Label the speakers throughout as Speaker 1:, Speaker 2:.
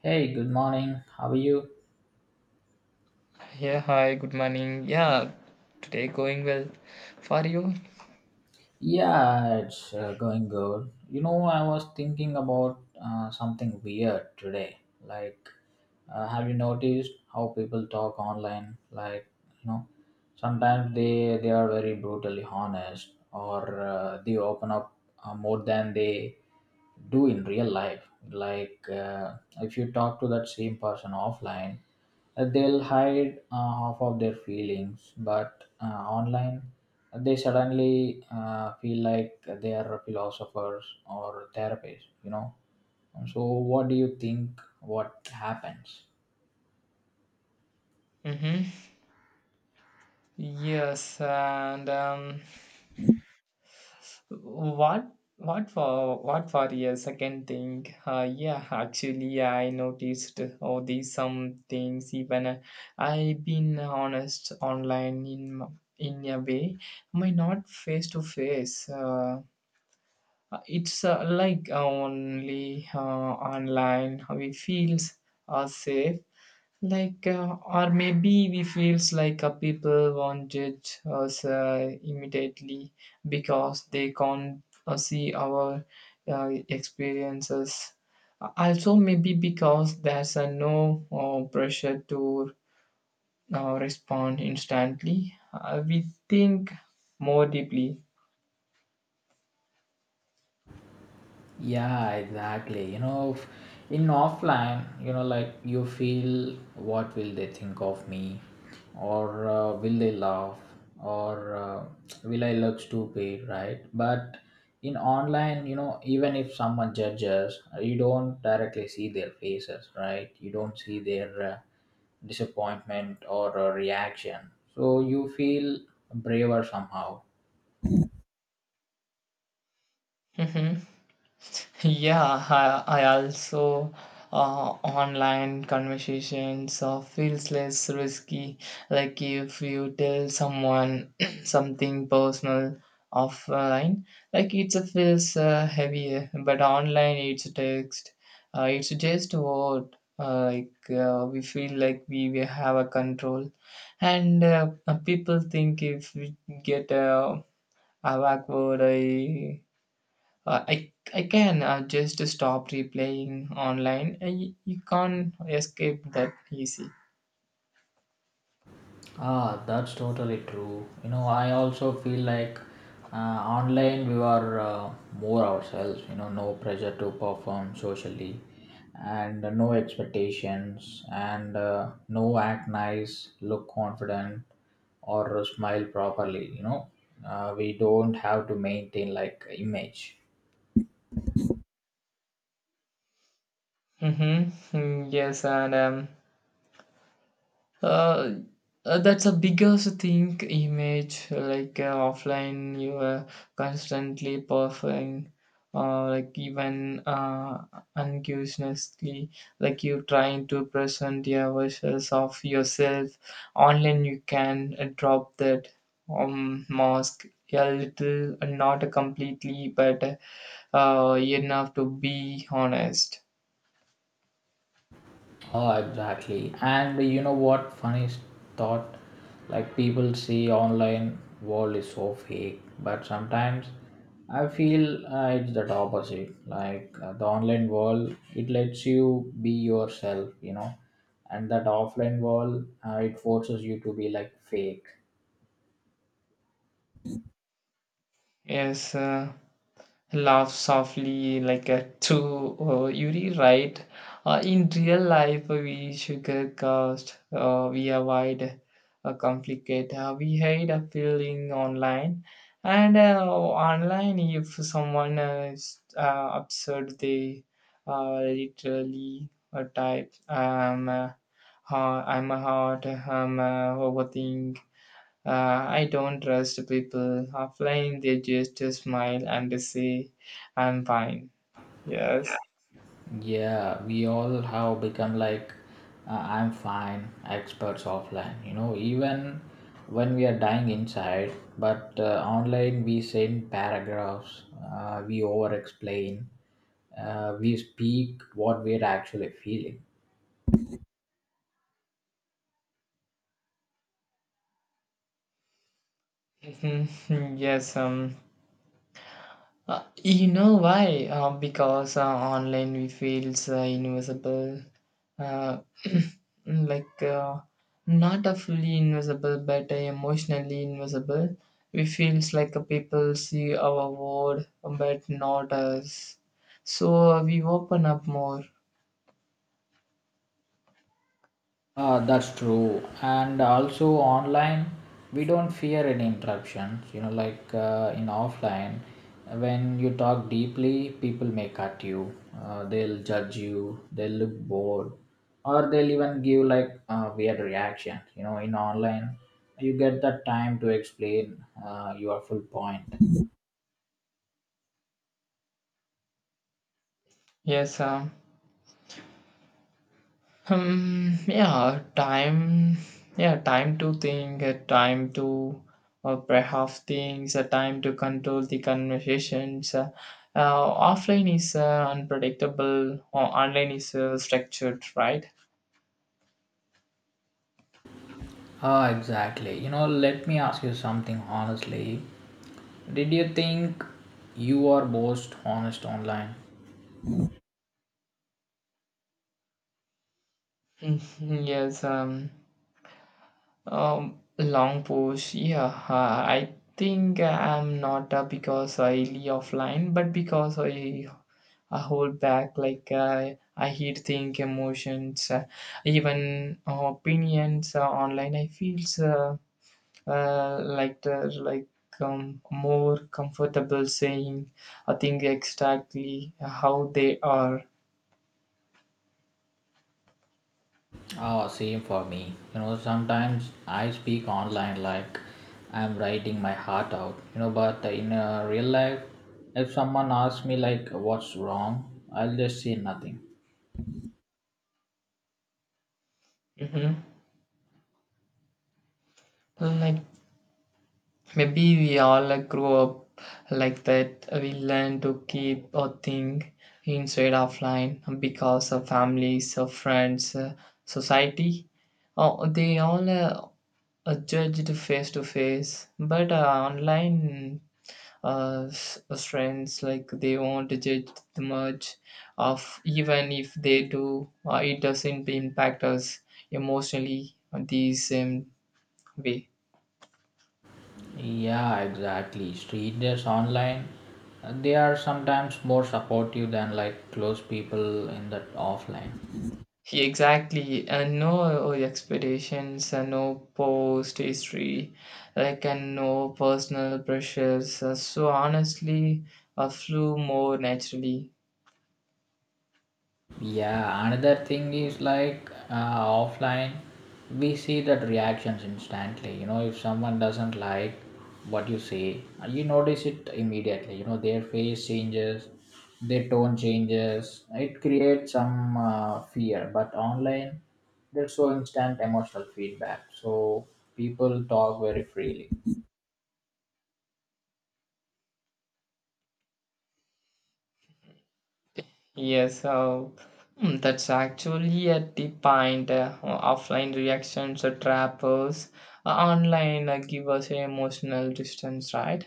Speaker 1: Hey, good morning. How are you?
Speaker 2: Yeah, hi, good morning. Yeah, today going well for you.
Speaker 1: Yeah, it's going good. You know, I was thinking about something weird today. Like, have you noticed how people talk online? You know, Sometimes they are very brutally honest or they open up more than they do in real life, like if you talk to that same person offline, they'll hide half of their feelings, but online they suddenly feel like they are philosophers or therapists, you know. And so what do you think, what happens?
Speaker 2: Mm-hmm. Yes, and what for a second thing? Yeah, actually, I noticed all these some things. Even I've been honest online in in a way, my not face to face. It's like only online we feels are safe like or maybe we feels like people won't judge us immediately because they can't see our experiences, also maybe because there's no pressure to respond instantly, we think more deeply.
Speaker 1: Yeah, exactly. In offline, you know, like you feel what will they think of me, or will they laugh, or will I look stupid, right? But in online, you know, even if someone judges, you don't directly see their faces, right? You don't see their disappointment or reaction. So you feel braver somehow.
Speaker 2: Mhm. Yeah, I also uh, online conversations feels less risky. Like if you tell someone something personal offline, like it feels heavier. But online, it's text. It's just word. Like we feel like we have a control, and people think if we get a backward. Uh, I can just stop replaying online. You, you can't escape that easy.
Speaker 1: Ah, that's totally true. You know, I also feel like online we are more ourselves, you know, no pressure to perform socially and no expectations, and no act nice, look confident or smile properly, you know. We don't have to maintain like image.
Speaker 2: Mm-hmm. Mm, yes, and uh, that's a biggest thing, image. Like offline you are constantly performing, like even unconsciously, like you trying to present your versions of yourself. Online you can drop that mask a little, not completely but enough to be honest.
Speaker 1: Oh, exactly. And you know what? Funny thought, like people see online world is so fake, but sometimes I feel it's that opposite. Like the online world, it lets you be yourself, you know, and that offline world, it forces you to be like fake.
Speaker 2: Yes, laugh softly like a two oh, Yuri, right? In real life, we sugarcoat, we avoid, complicate, we hide a feeling online. And online, if someone is absurd, they literally type, I'm a hot, I'm a overthink, I don't trust people offline, they just smile and say, I'm fine. Yes.
Speaker 1: Yeah, we all have become like I'm fine experts offline, you know, even when we are dying inside. But online, we send paragraphs, we over explain, we speak what we're actually feeling.
Speaker 2: Mhm. Yes, you know why? Because online we feels invisible. Uh, like not a fully invisible but a emotionally invisible. We feels like a people see our word but not us, so we open up more.
Speaker 1: That's true. And also online, we don't fear any interruptions. You know, like in offline, when you talk deeply, people may cut you. They'll judge you. They'll look bored, or they'll even give like weird reaction. You know, in online, you get that time to explain your full point.
Speaker 2: yes um yeah, time, yeah, time to think, a time to perhaps things, a time to control the conversations. Offline is unpredictable, or online is structured, right?
Speaker 1: Ah, exactly. You know, let me ask you something honestly. Did you think you are most honest online?
Speaker 2: Mhm, yes, long push. Yeah, I think I'm not because I really offline, but because I hold back, like I hid think emotions, even opinions online. I feel like more comfortable saying a thing exactly how they are.
Speaker 1: Oh, same for me. You know, sometimes I speak online like I'm writing my heart out, you know, but in real life, if someone asks me like what's wrong, I'll just say nothing.
Speaker 2: Hmm. Like maybe we all grow up like that. We learn to keep a thing inside offline because of families, of friends, society. Oh, they all judged face to face but online, friends like they won't judge much, of even if they do it doesn't impact us emotionally the same way.
Speaker 1: Yeah, exactly. Strangers online, they are sometimes more supportive than like close people in the offline.
Speaker 2: Exactly, and no expectations and no post history like and no personal pressures. So honestly flew more naturally.
Speaker 1: Yeah, another thing is like offline, we see that reactions instantly. You know, if someone doesn't like what you say, you notice it immediately. You know, their face changes, their tone changes. It creates some fear. But online, there's so instant emotional feedback. So people talk very freely.
Speaker 2: Yes, so mm, that's actually at the point. Offline reactions trap us. Online give us emotional distance, right?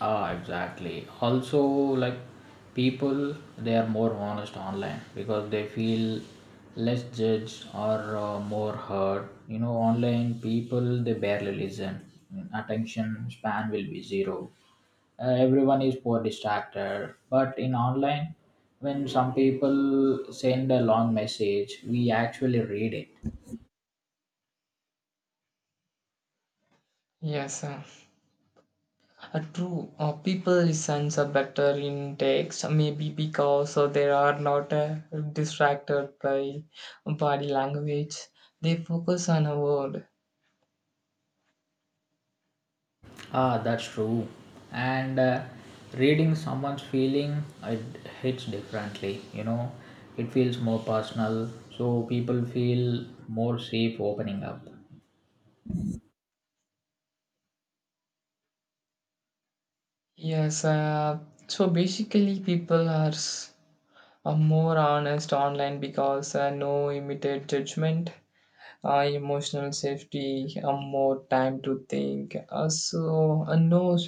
Speaker 1: Ah, exactly. Also, like people, they are more honest online because they feel less judged or more heard. You know, online people they barely listen. Attention span will be zero. Everyone is poor distracted. But in online, when some people send a long message, we actually read it.
Speaker 2: Yes, true. People listen better in text, maybe because they are not distracted by body language. They focus on a word.
Speaker 1: Ah, that's true. And reading someone's feeling, it hits differently. You know, it feels more personal, so people feel more safe opening up.
Speaker 2: Yes, so basically people are a more honest online because no immediate judgment, emotional safety, more time to think. So, no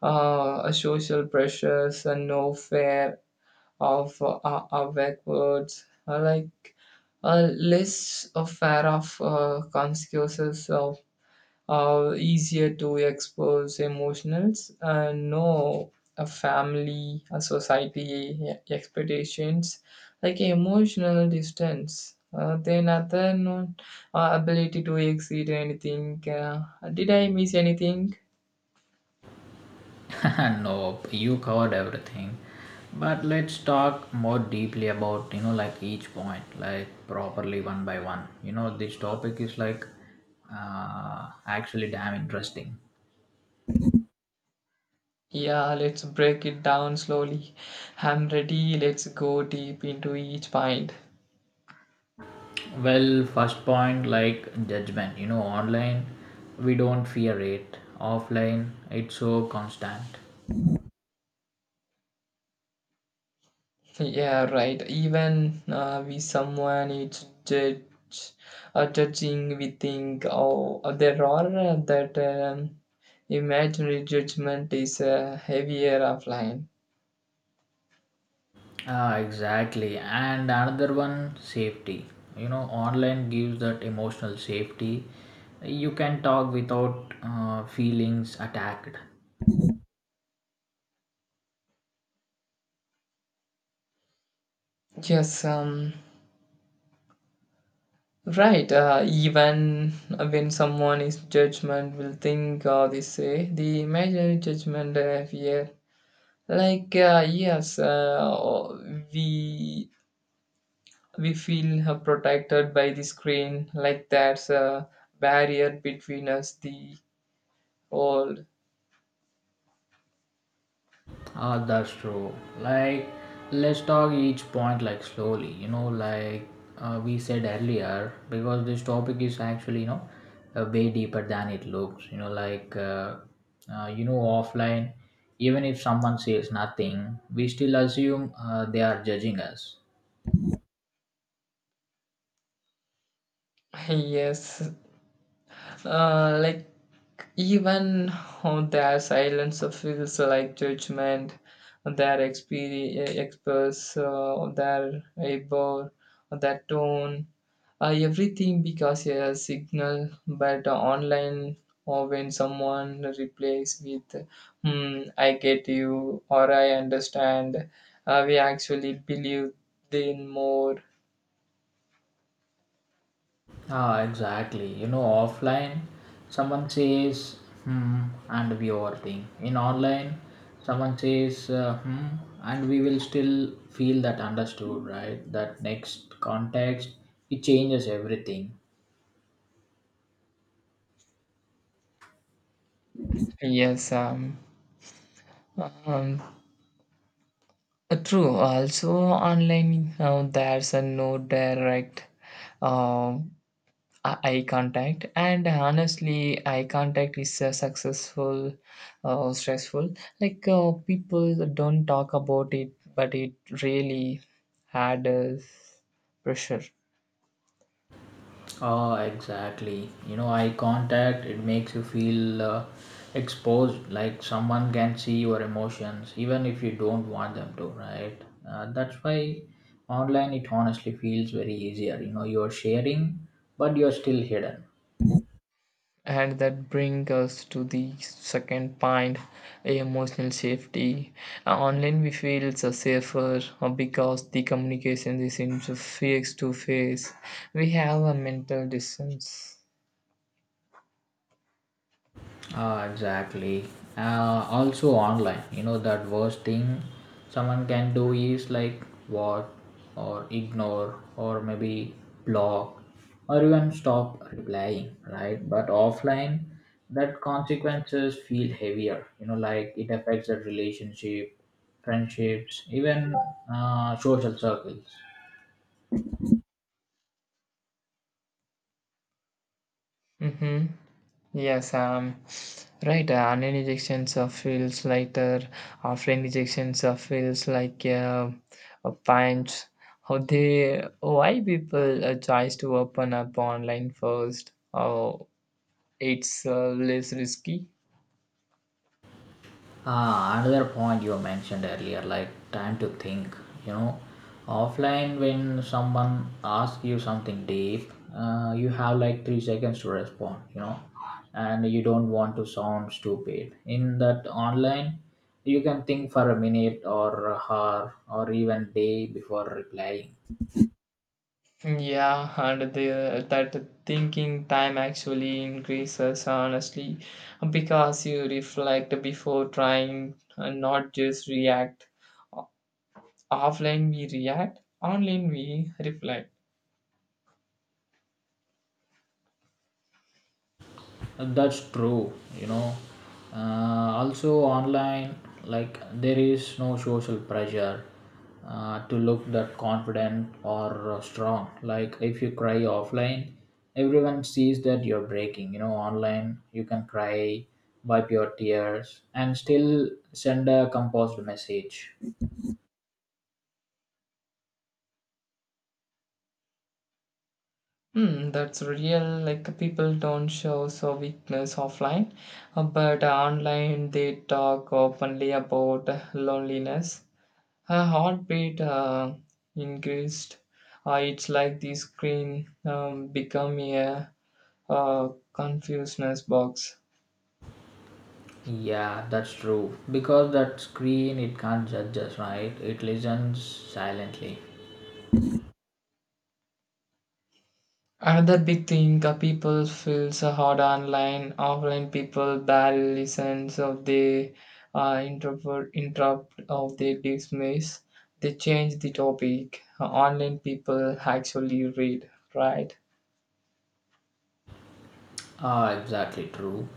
Speaker 2: social pressures, no fear of backwards, like less of fear of consequences, easier to expose emotions and know a family, a society expectations, like emotional distance. Then other known ability to exceed anything. Did I miss anything?
Speaker 1: No, you covered everything. But let's talk more deeply about you know like each point, like properly one by one. You know, this topic is like actually damn interesting.
Speaker 2: Yeah, let's break it down slowly. I'm ready. Let's go deep into each point.
Speaker 1: Well, first point like judgment, you know, online we don't fear it, offline it's so constant.
Speaker 2: Yeah, right. Even we someone is judge, judging, we think, oh, there are that imaginary judgment is heavier offline.
Speaker 1: Ah, exactly. And another one, safety. You know, online gives that emotional safety. You can talk without feelings attacked.
Speaker 2: Yes, right. Even when someone is judgment, will think or they say the imaginary judgment here. Like yes, uh, we feel protected by the screen, like that's a barrier between us the old.
Speaker 1: Ah, that's true. Like, let's talk each point like slowly. You know, like we said earlier, because this topic is actually you know way deeper than it looks. You know offline, even if someone says nothing, we still assume they are judging us.
Speaker 2: Yes like, even on their silence feels like judgment, their express, their eyebrow, their tone, everything because a signal. But online, or when someone replies with "Hmm, I get you" or "I understand," we actually believe them more.
Speaker 1: Ah, exactly. You know, offline, someone says, hmm, and we overthink. In online, someone says, hmm, and we will still feel that understood, right? That next context, it changes everything.
Speaker 2: Yes, um, true. Also, online now there's a no direct um, eye contact, and honestly, eye contact is stressful. Like people don't talk about it, but it really adds pressure.
Speaker 1: Oh, exactly. You know, eye contact, it makes you feel exposed, like someone can see your emotions, even if you don't want them to, right? That's why online it honestly feels very easier. You know, you're sharing, but you're still hidden.
Speaker 2: And that brings us to the second point, emotional safety. Online, we feel it's a safer because the communication is in face to face. We have a mental distance.
Speaker 1: Ah, exactly. Also online, you know that worst thing someone can do is like what or ignore or maybe block or even stop replying, right? But offline, that consequences feel heavier. You know, like it affects the relationship, friendships, even social circles.
Speaker 2: Mm-hmm. Yes, right. Online rejections feels lighter. Offline rejections feels like a punch. How they? Why people choose to open up online first? Oh, it's less risky.
Speaker 1: Ah, another point you mentioned earlier, like time to think. You know, offline when someone asks you something deep, you have like 3 seconds to respond. You know, and you don't want to sound stupid. In that online, you can think for a minute or a hour or even day before replying.
Speaker 2: Yeah, and that thinking time actually increases honestly because you reflect before trying and not just react. Offline we react, online we reflect.
Speaker 1: That's true, you know. Also online, like there is no social pressure to look that confident or strong, like if you cry offline everyone sees that you're breaking. You know, online you can cry, wipe your tears and still send a composed message.
Speaker 2: Hmm, that's real. Like people don't show so weakness offline, but online they talk openly about loneliness. Her heartbeat increased. It's like the screen become a uh, confuseness box.
Speaker 1: Yeah, that's true, because that screen it can't judge us, right? It listens silently.
Speaker 2: Another big thing, people feel so hard online. Offline people barely sense of the introvert, interrupt of the dismiss. They change the topic. Online people actually read, right?
Speaker 1: Ah, exactly true.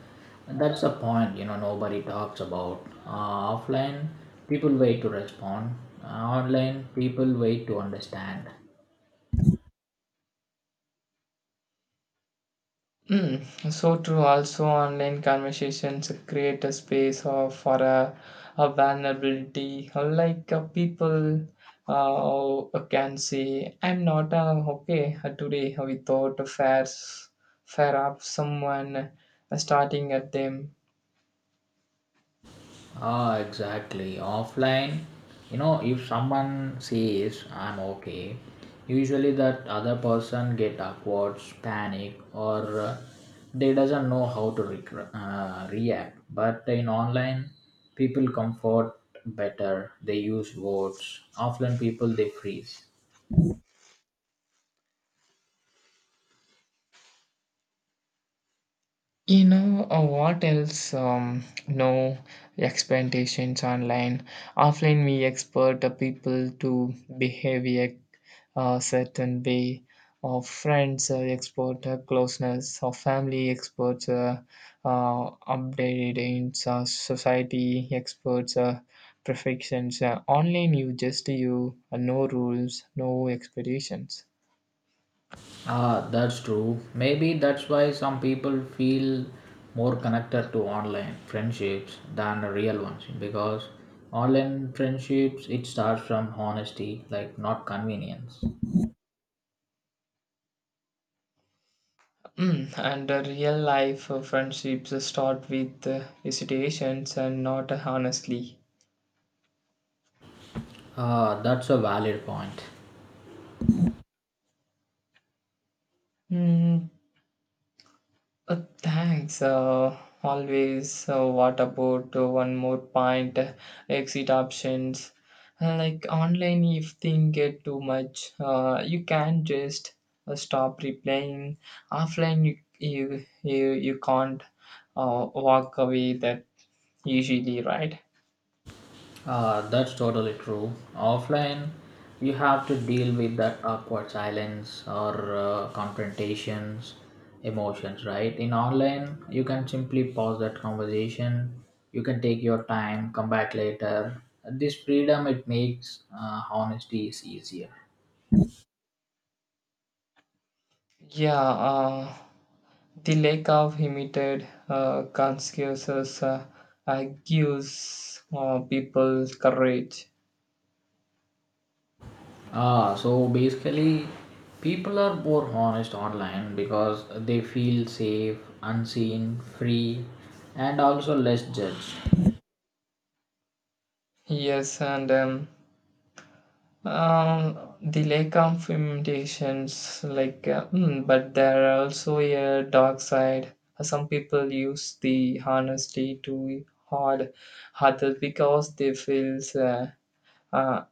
Speaker 1: That's the point, you know, nobody talks about. Offline, people wait to respond. Uh, Online, people wait to understand.
Speaker 2: Mm, so true. Also, online conversations create a space of, for a vulnerability. Like people can say, "I'm not okay today" without a fair, fair up someone starting at them.
Speaker 1: Ah, exactly. Offline, you know, if someone says I'm okay, usually that other person get awkward, panic, or they doesn't know how to react. But in online, people comfort better. They use words. Offline people they freeze.
Speaker 2: You know what else? No expectations online. Offline, we expect people to behave a certain way. Of friends, expert closeness. Of family, experts uh, updating society, experts perfections. Online, you just you no rules, no expectations.
Speaker 1: Ah, that's true. Maybe that's why some people feel more connected to online friendships than the real ones because online friendships it starts from honesty, like not convenience.
Speaker 2: Mm, and real life friendships start with hesitations and not honestly.
Speaker 1: Ah, that's a valid point.
Speaker 2: Mm, thanks. Always. What about one more point? Exit options. Like online, if things get too much, you can just stop replying. Offline, you can't walk away. That usually right.
Speaker 1: That's totally true. Offline, you have to deal with that awkward silence or confrontations, emotions, right? In online, you can simply pause that conversation. You can take your time, come back later. This freedom it makes honesty is easier.
Speaker 2: Yeah. Uh, The lake of imitated Confucius gives people courage.
Speaker 1: Ah, so basically, people are more honest online because they feel safe, unseen, free, and also less judged.
Speaker 2: Yes, and the lake of imitations, like, mm, but there are also a dark side. Some people use the honesty to hard others because they feel uh,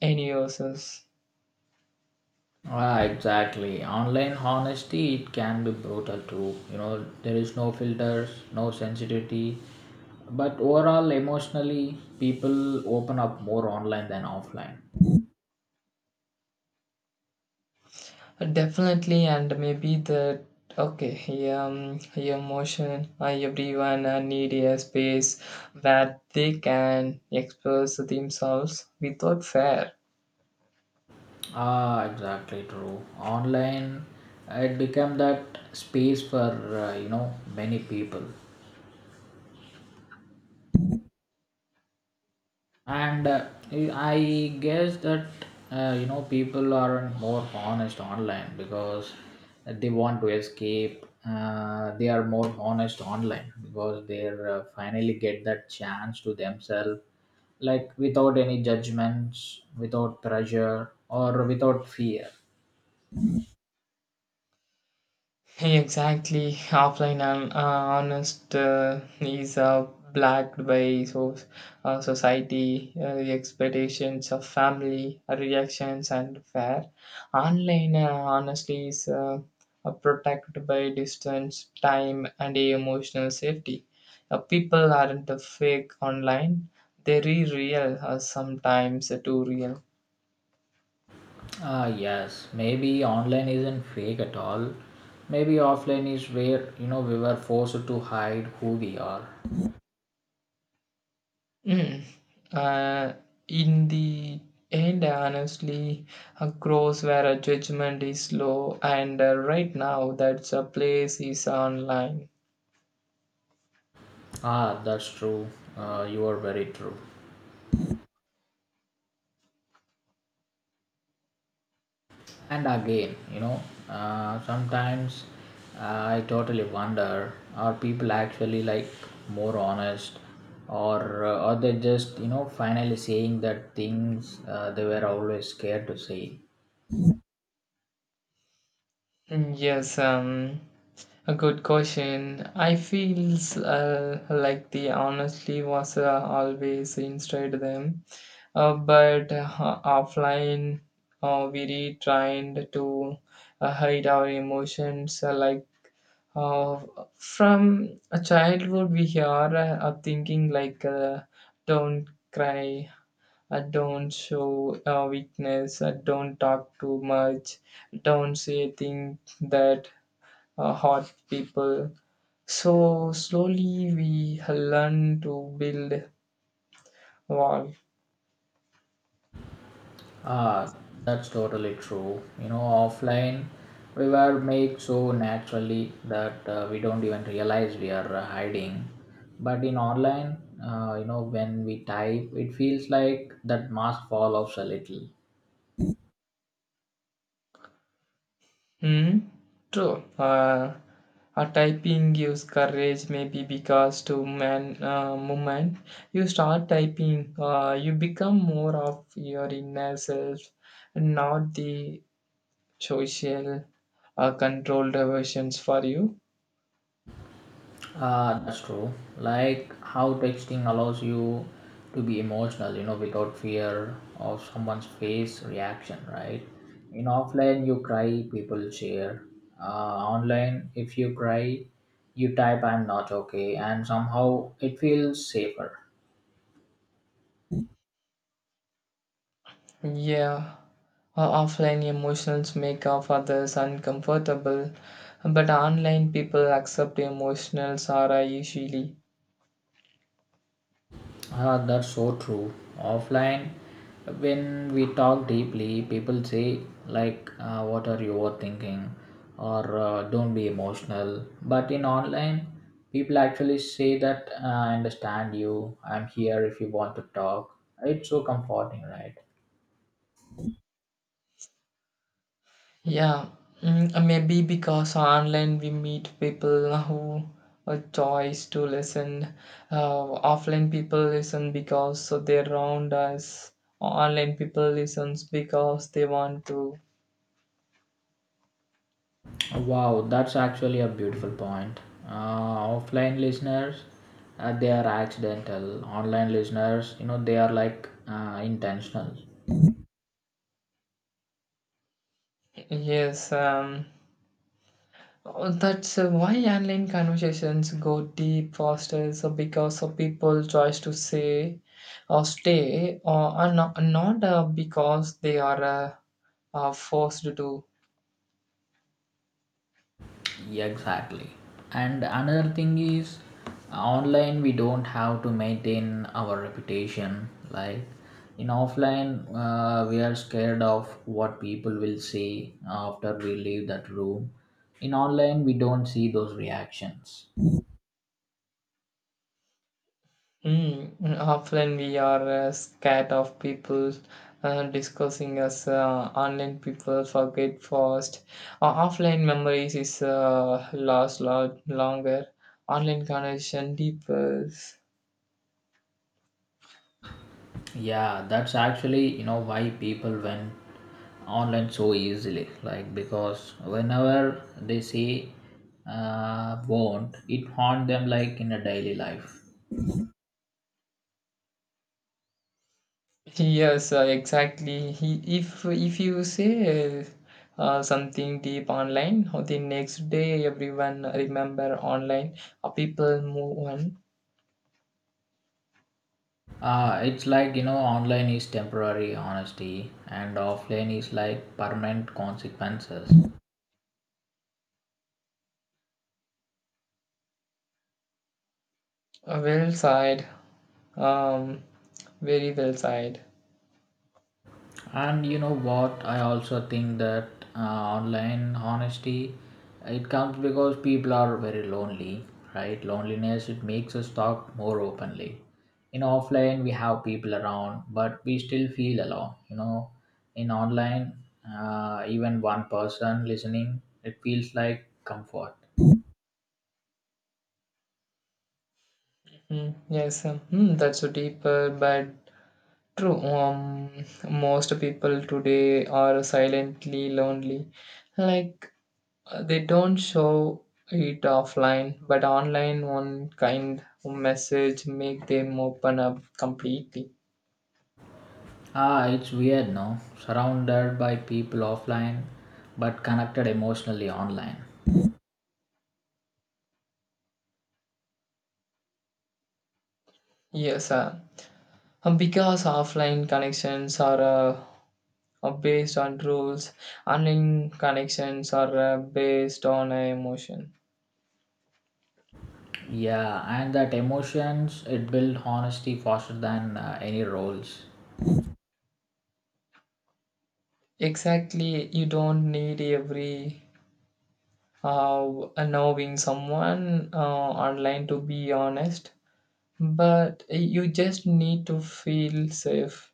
Speaker 2: innocence.
Speaker 1: Ah, exactly. Online honesty it can be brutal too. You know, there is no filters, no sensitivity. But overall, emotionally, people open up more online than offline.
Speaker 2: Definitely, and maybe the okay, emotion. Everyone need a space where they can express themselves without fear.
Speaker 1: Ah, exactly true. Online, it became that space for you know many people. And I guess that you know people aren't more honest online because they want to escape. They are more honest online because they finally get that chance to themselves, like without any judgments, without pressure, or without fear.
Speaker 2: Exactly, offline and honest is blacked by so, society, the expectations of family, reactions, and fair. Online, honestly, is protected by distance, time, and emotional safety. People aren't fake online, they're real, sometimes too real.
Speaker 1: Ah, yes, maybe online isn't fake at all. Maybe offline is where you know we were forced to hide who we are.
Speaker 2: Mm. Uh, in the end, honestly, a cross where a judgment is low, and right now that's a place is online.
Speaker 1: Ah, that's true. You are very true. And again, you know, sometimes ah, I totally wonder are people actually like more honest, or are they just, you know, finally saying that things they were always scared to say?
Speaker 2: Mm, yes, a good question. I feels like the honestly was always inside them, but offline we retrained to hide our emotions like. Uh, from a childhood, we hear a thinking like don't cry, don't show weakness, don't talk too much, don't say things that hurt people. So, slowly, we learn to build wall.
Speaker 1: Ah, that's totally true. You know, offline we were made so naturally that we don't even realize we are hiding. But in online, you know, when we type, it feels like that mask fall off a little.
Speaker 2: Hmm, true. A typing gives courage, maybe because to man movement, you start typing, you become more of your inner self, not the social controlled versions for you.
Speaker 1: That's true. Like how texting allows you to be emotional, you know, without fear of someone's face reaction, right? In offline, you cry, people cheer. Online, if you cry, you type, I'm not okay, and somehow it feels safer.
Speaker 2: Yeah, offline emotions make of others uncomfortable, but online people accept emotions are usually.
Speaker 1: Ah, that's so true. Offline, when we talk deeply, people say, like, what are you overthinking? Or don't be emotional. But in online, people actually say that I understand you, I'm here if you want to talk. It's so comforting, right?
Speaker 2: Yeah, mm, maybe because online we meet people who a choice to listen. Offline people listen because so they around us. Online people listens because they want to.
Speaker 1: Wow, that's actually a beautiful point. Offline listeners, they are accidental. Online listeners, you know, they are like intentional.
Speaker 2: Yes, oh, that's why online conversations go deep faster. So because of people choice to say or stay, or not, not because they are forced to.
Speaker 1: Yeah, exactly. And another thing is online we don't have to maintain our reputation, like in offline we are scared of what people will say after we leave that room. In online we don't see those reactions.
Speaker 2: Mm, mm, often we are scared of people discussing us. Online people forget fast. Offline memories is last lot longer. Online connection deepens.
Speaker 1: Yeah, that's actually you know why people went online so easily, like because whenever they say won't it haunt them like in a daily life.
Speaker 2: Yes, exactly. He, if you say something deep online, the next day everyone remember online. People move on.
Speaker 1: It's like you know, online is temporary honesty, and offline is like permanent consequences.
Speaker 2: Well side. Um, Very well side.
Speaker 1: And you know what? I also think that online honesty it comes because people are very lonely, right? Loneliness it makes us talk more openly. In offline, we have people around, but we still feel alone. You know, in online, even one person listening, it feels like comfort.
Speaker 2: Mm, yes, mm, that's a deeper but true. Most people today are silently lonely, like they don't show it offline, but online, one kind of message make them open up completely.
Speaker 1: Ah, it's weird, no? Surrounded by people offline, but connected emotionally online.
Speaker 2: Yes, because offline connections are based on rules, online connections are based on emotion.
Speaker 1: Yeah, and that emotions it build honesty faster than any roles.
Speaker 2: Exactly, you don't need every knowing someone online to be honest, but you just need to feel safe.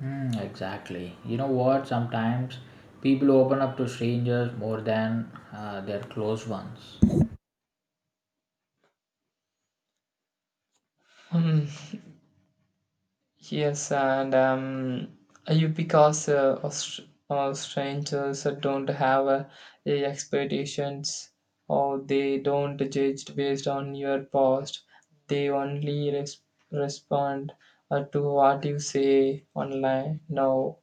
Speaker 1: Hmm, exactly. You know what? Sometimes people open up to strangers more than their close ones.
Speaker 2: Hmm. Yes and you because strangers don't have a expectations or they don't judge based on your past, they only respond to what you say online now.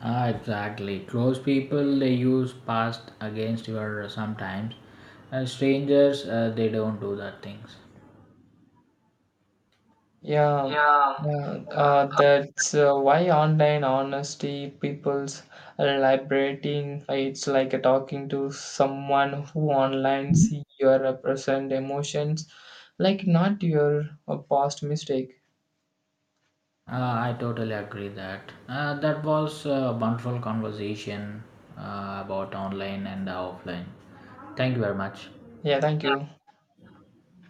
Speaker 1: Ah, exactly. Close people they use past against your sometimes, and strangers they don't do that things.
Speaker 2: Yeah,
Speaker 1: Yeah.
Speaker 2: yeah. That's why online honesty people's liberating. It's like a talking to someone who online see your present emotions, like not your past mistake.
Speaker 1: I totally agree that that was a wonderful conversation about online and offline. Thank you very much.
Speaker 2: Yeah, thank you.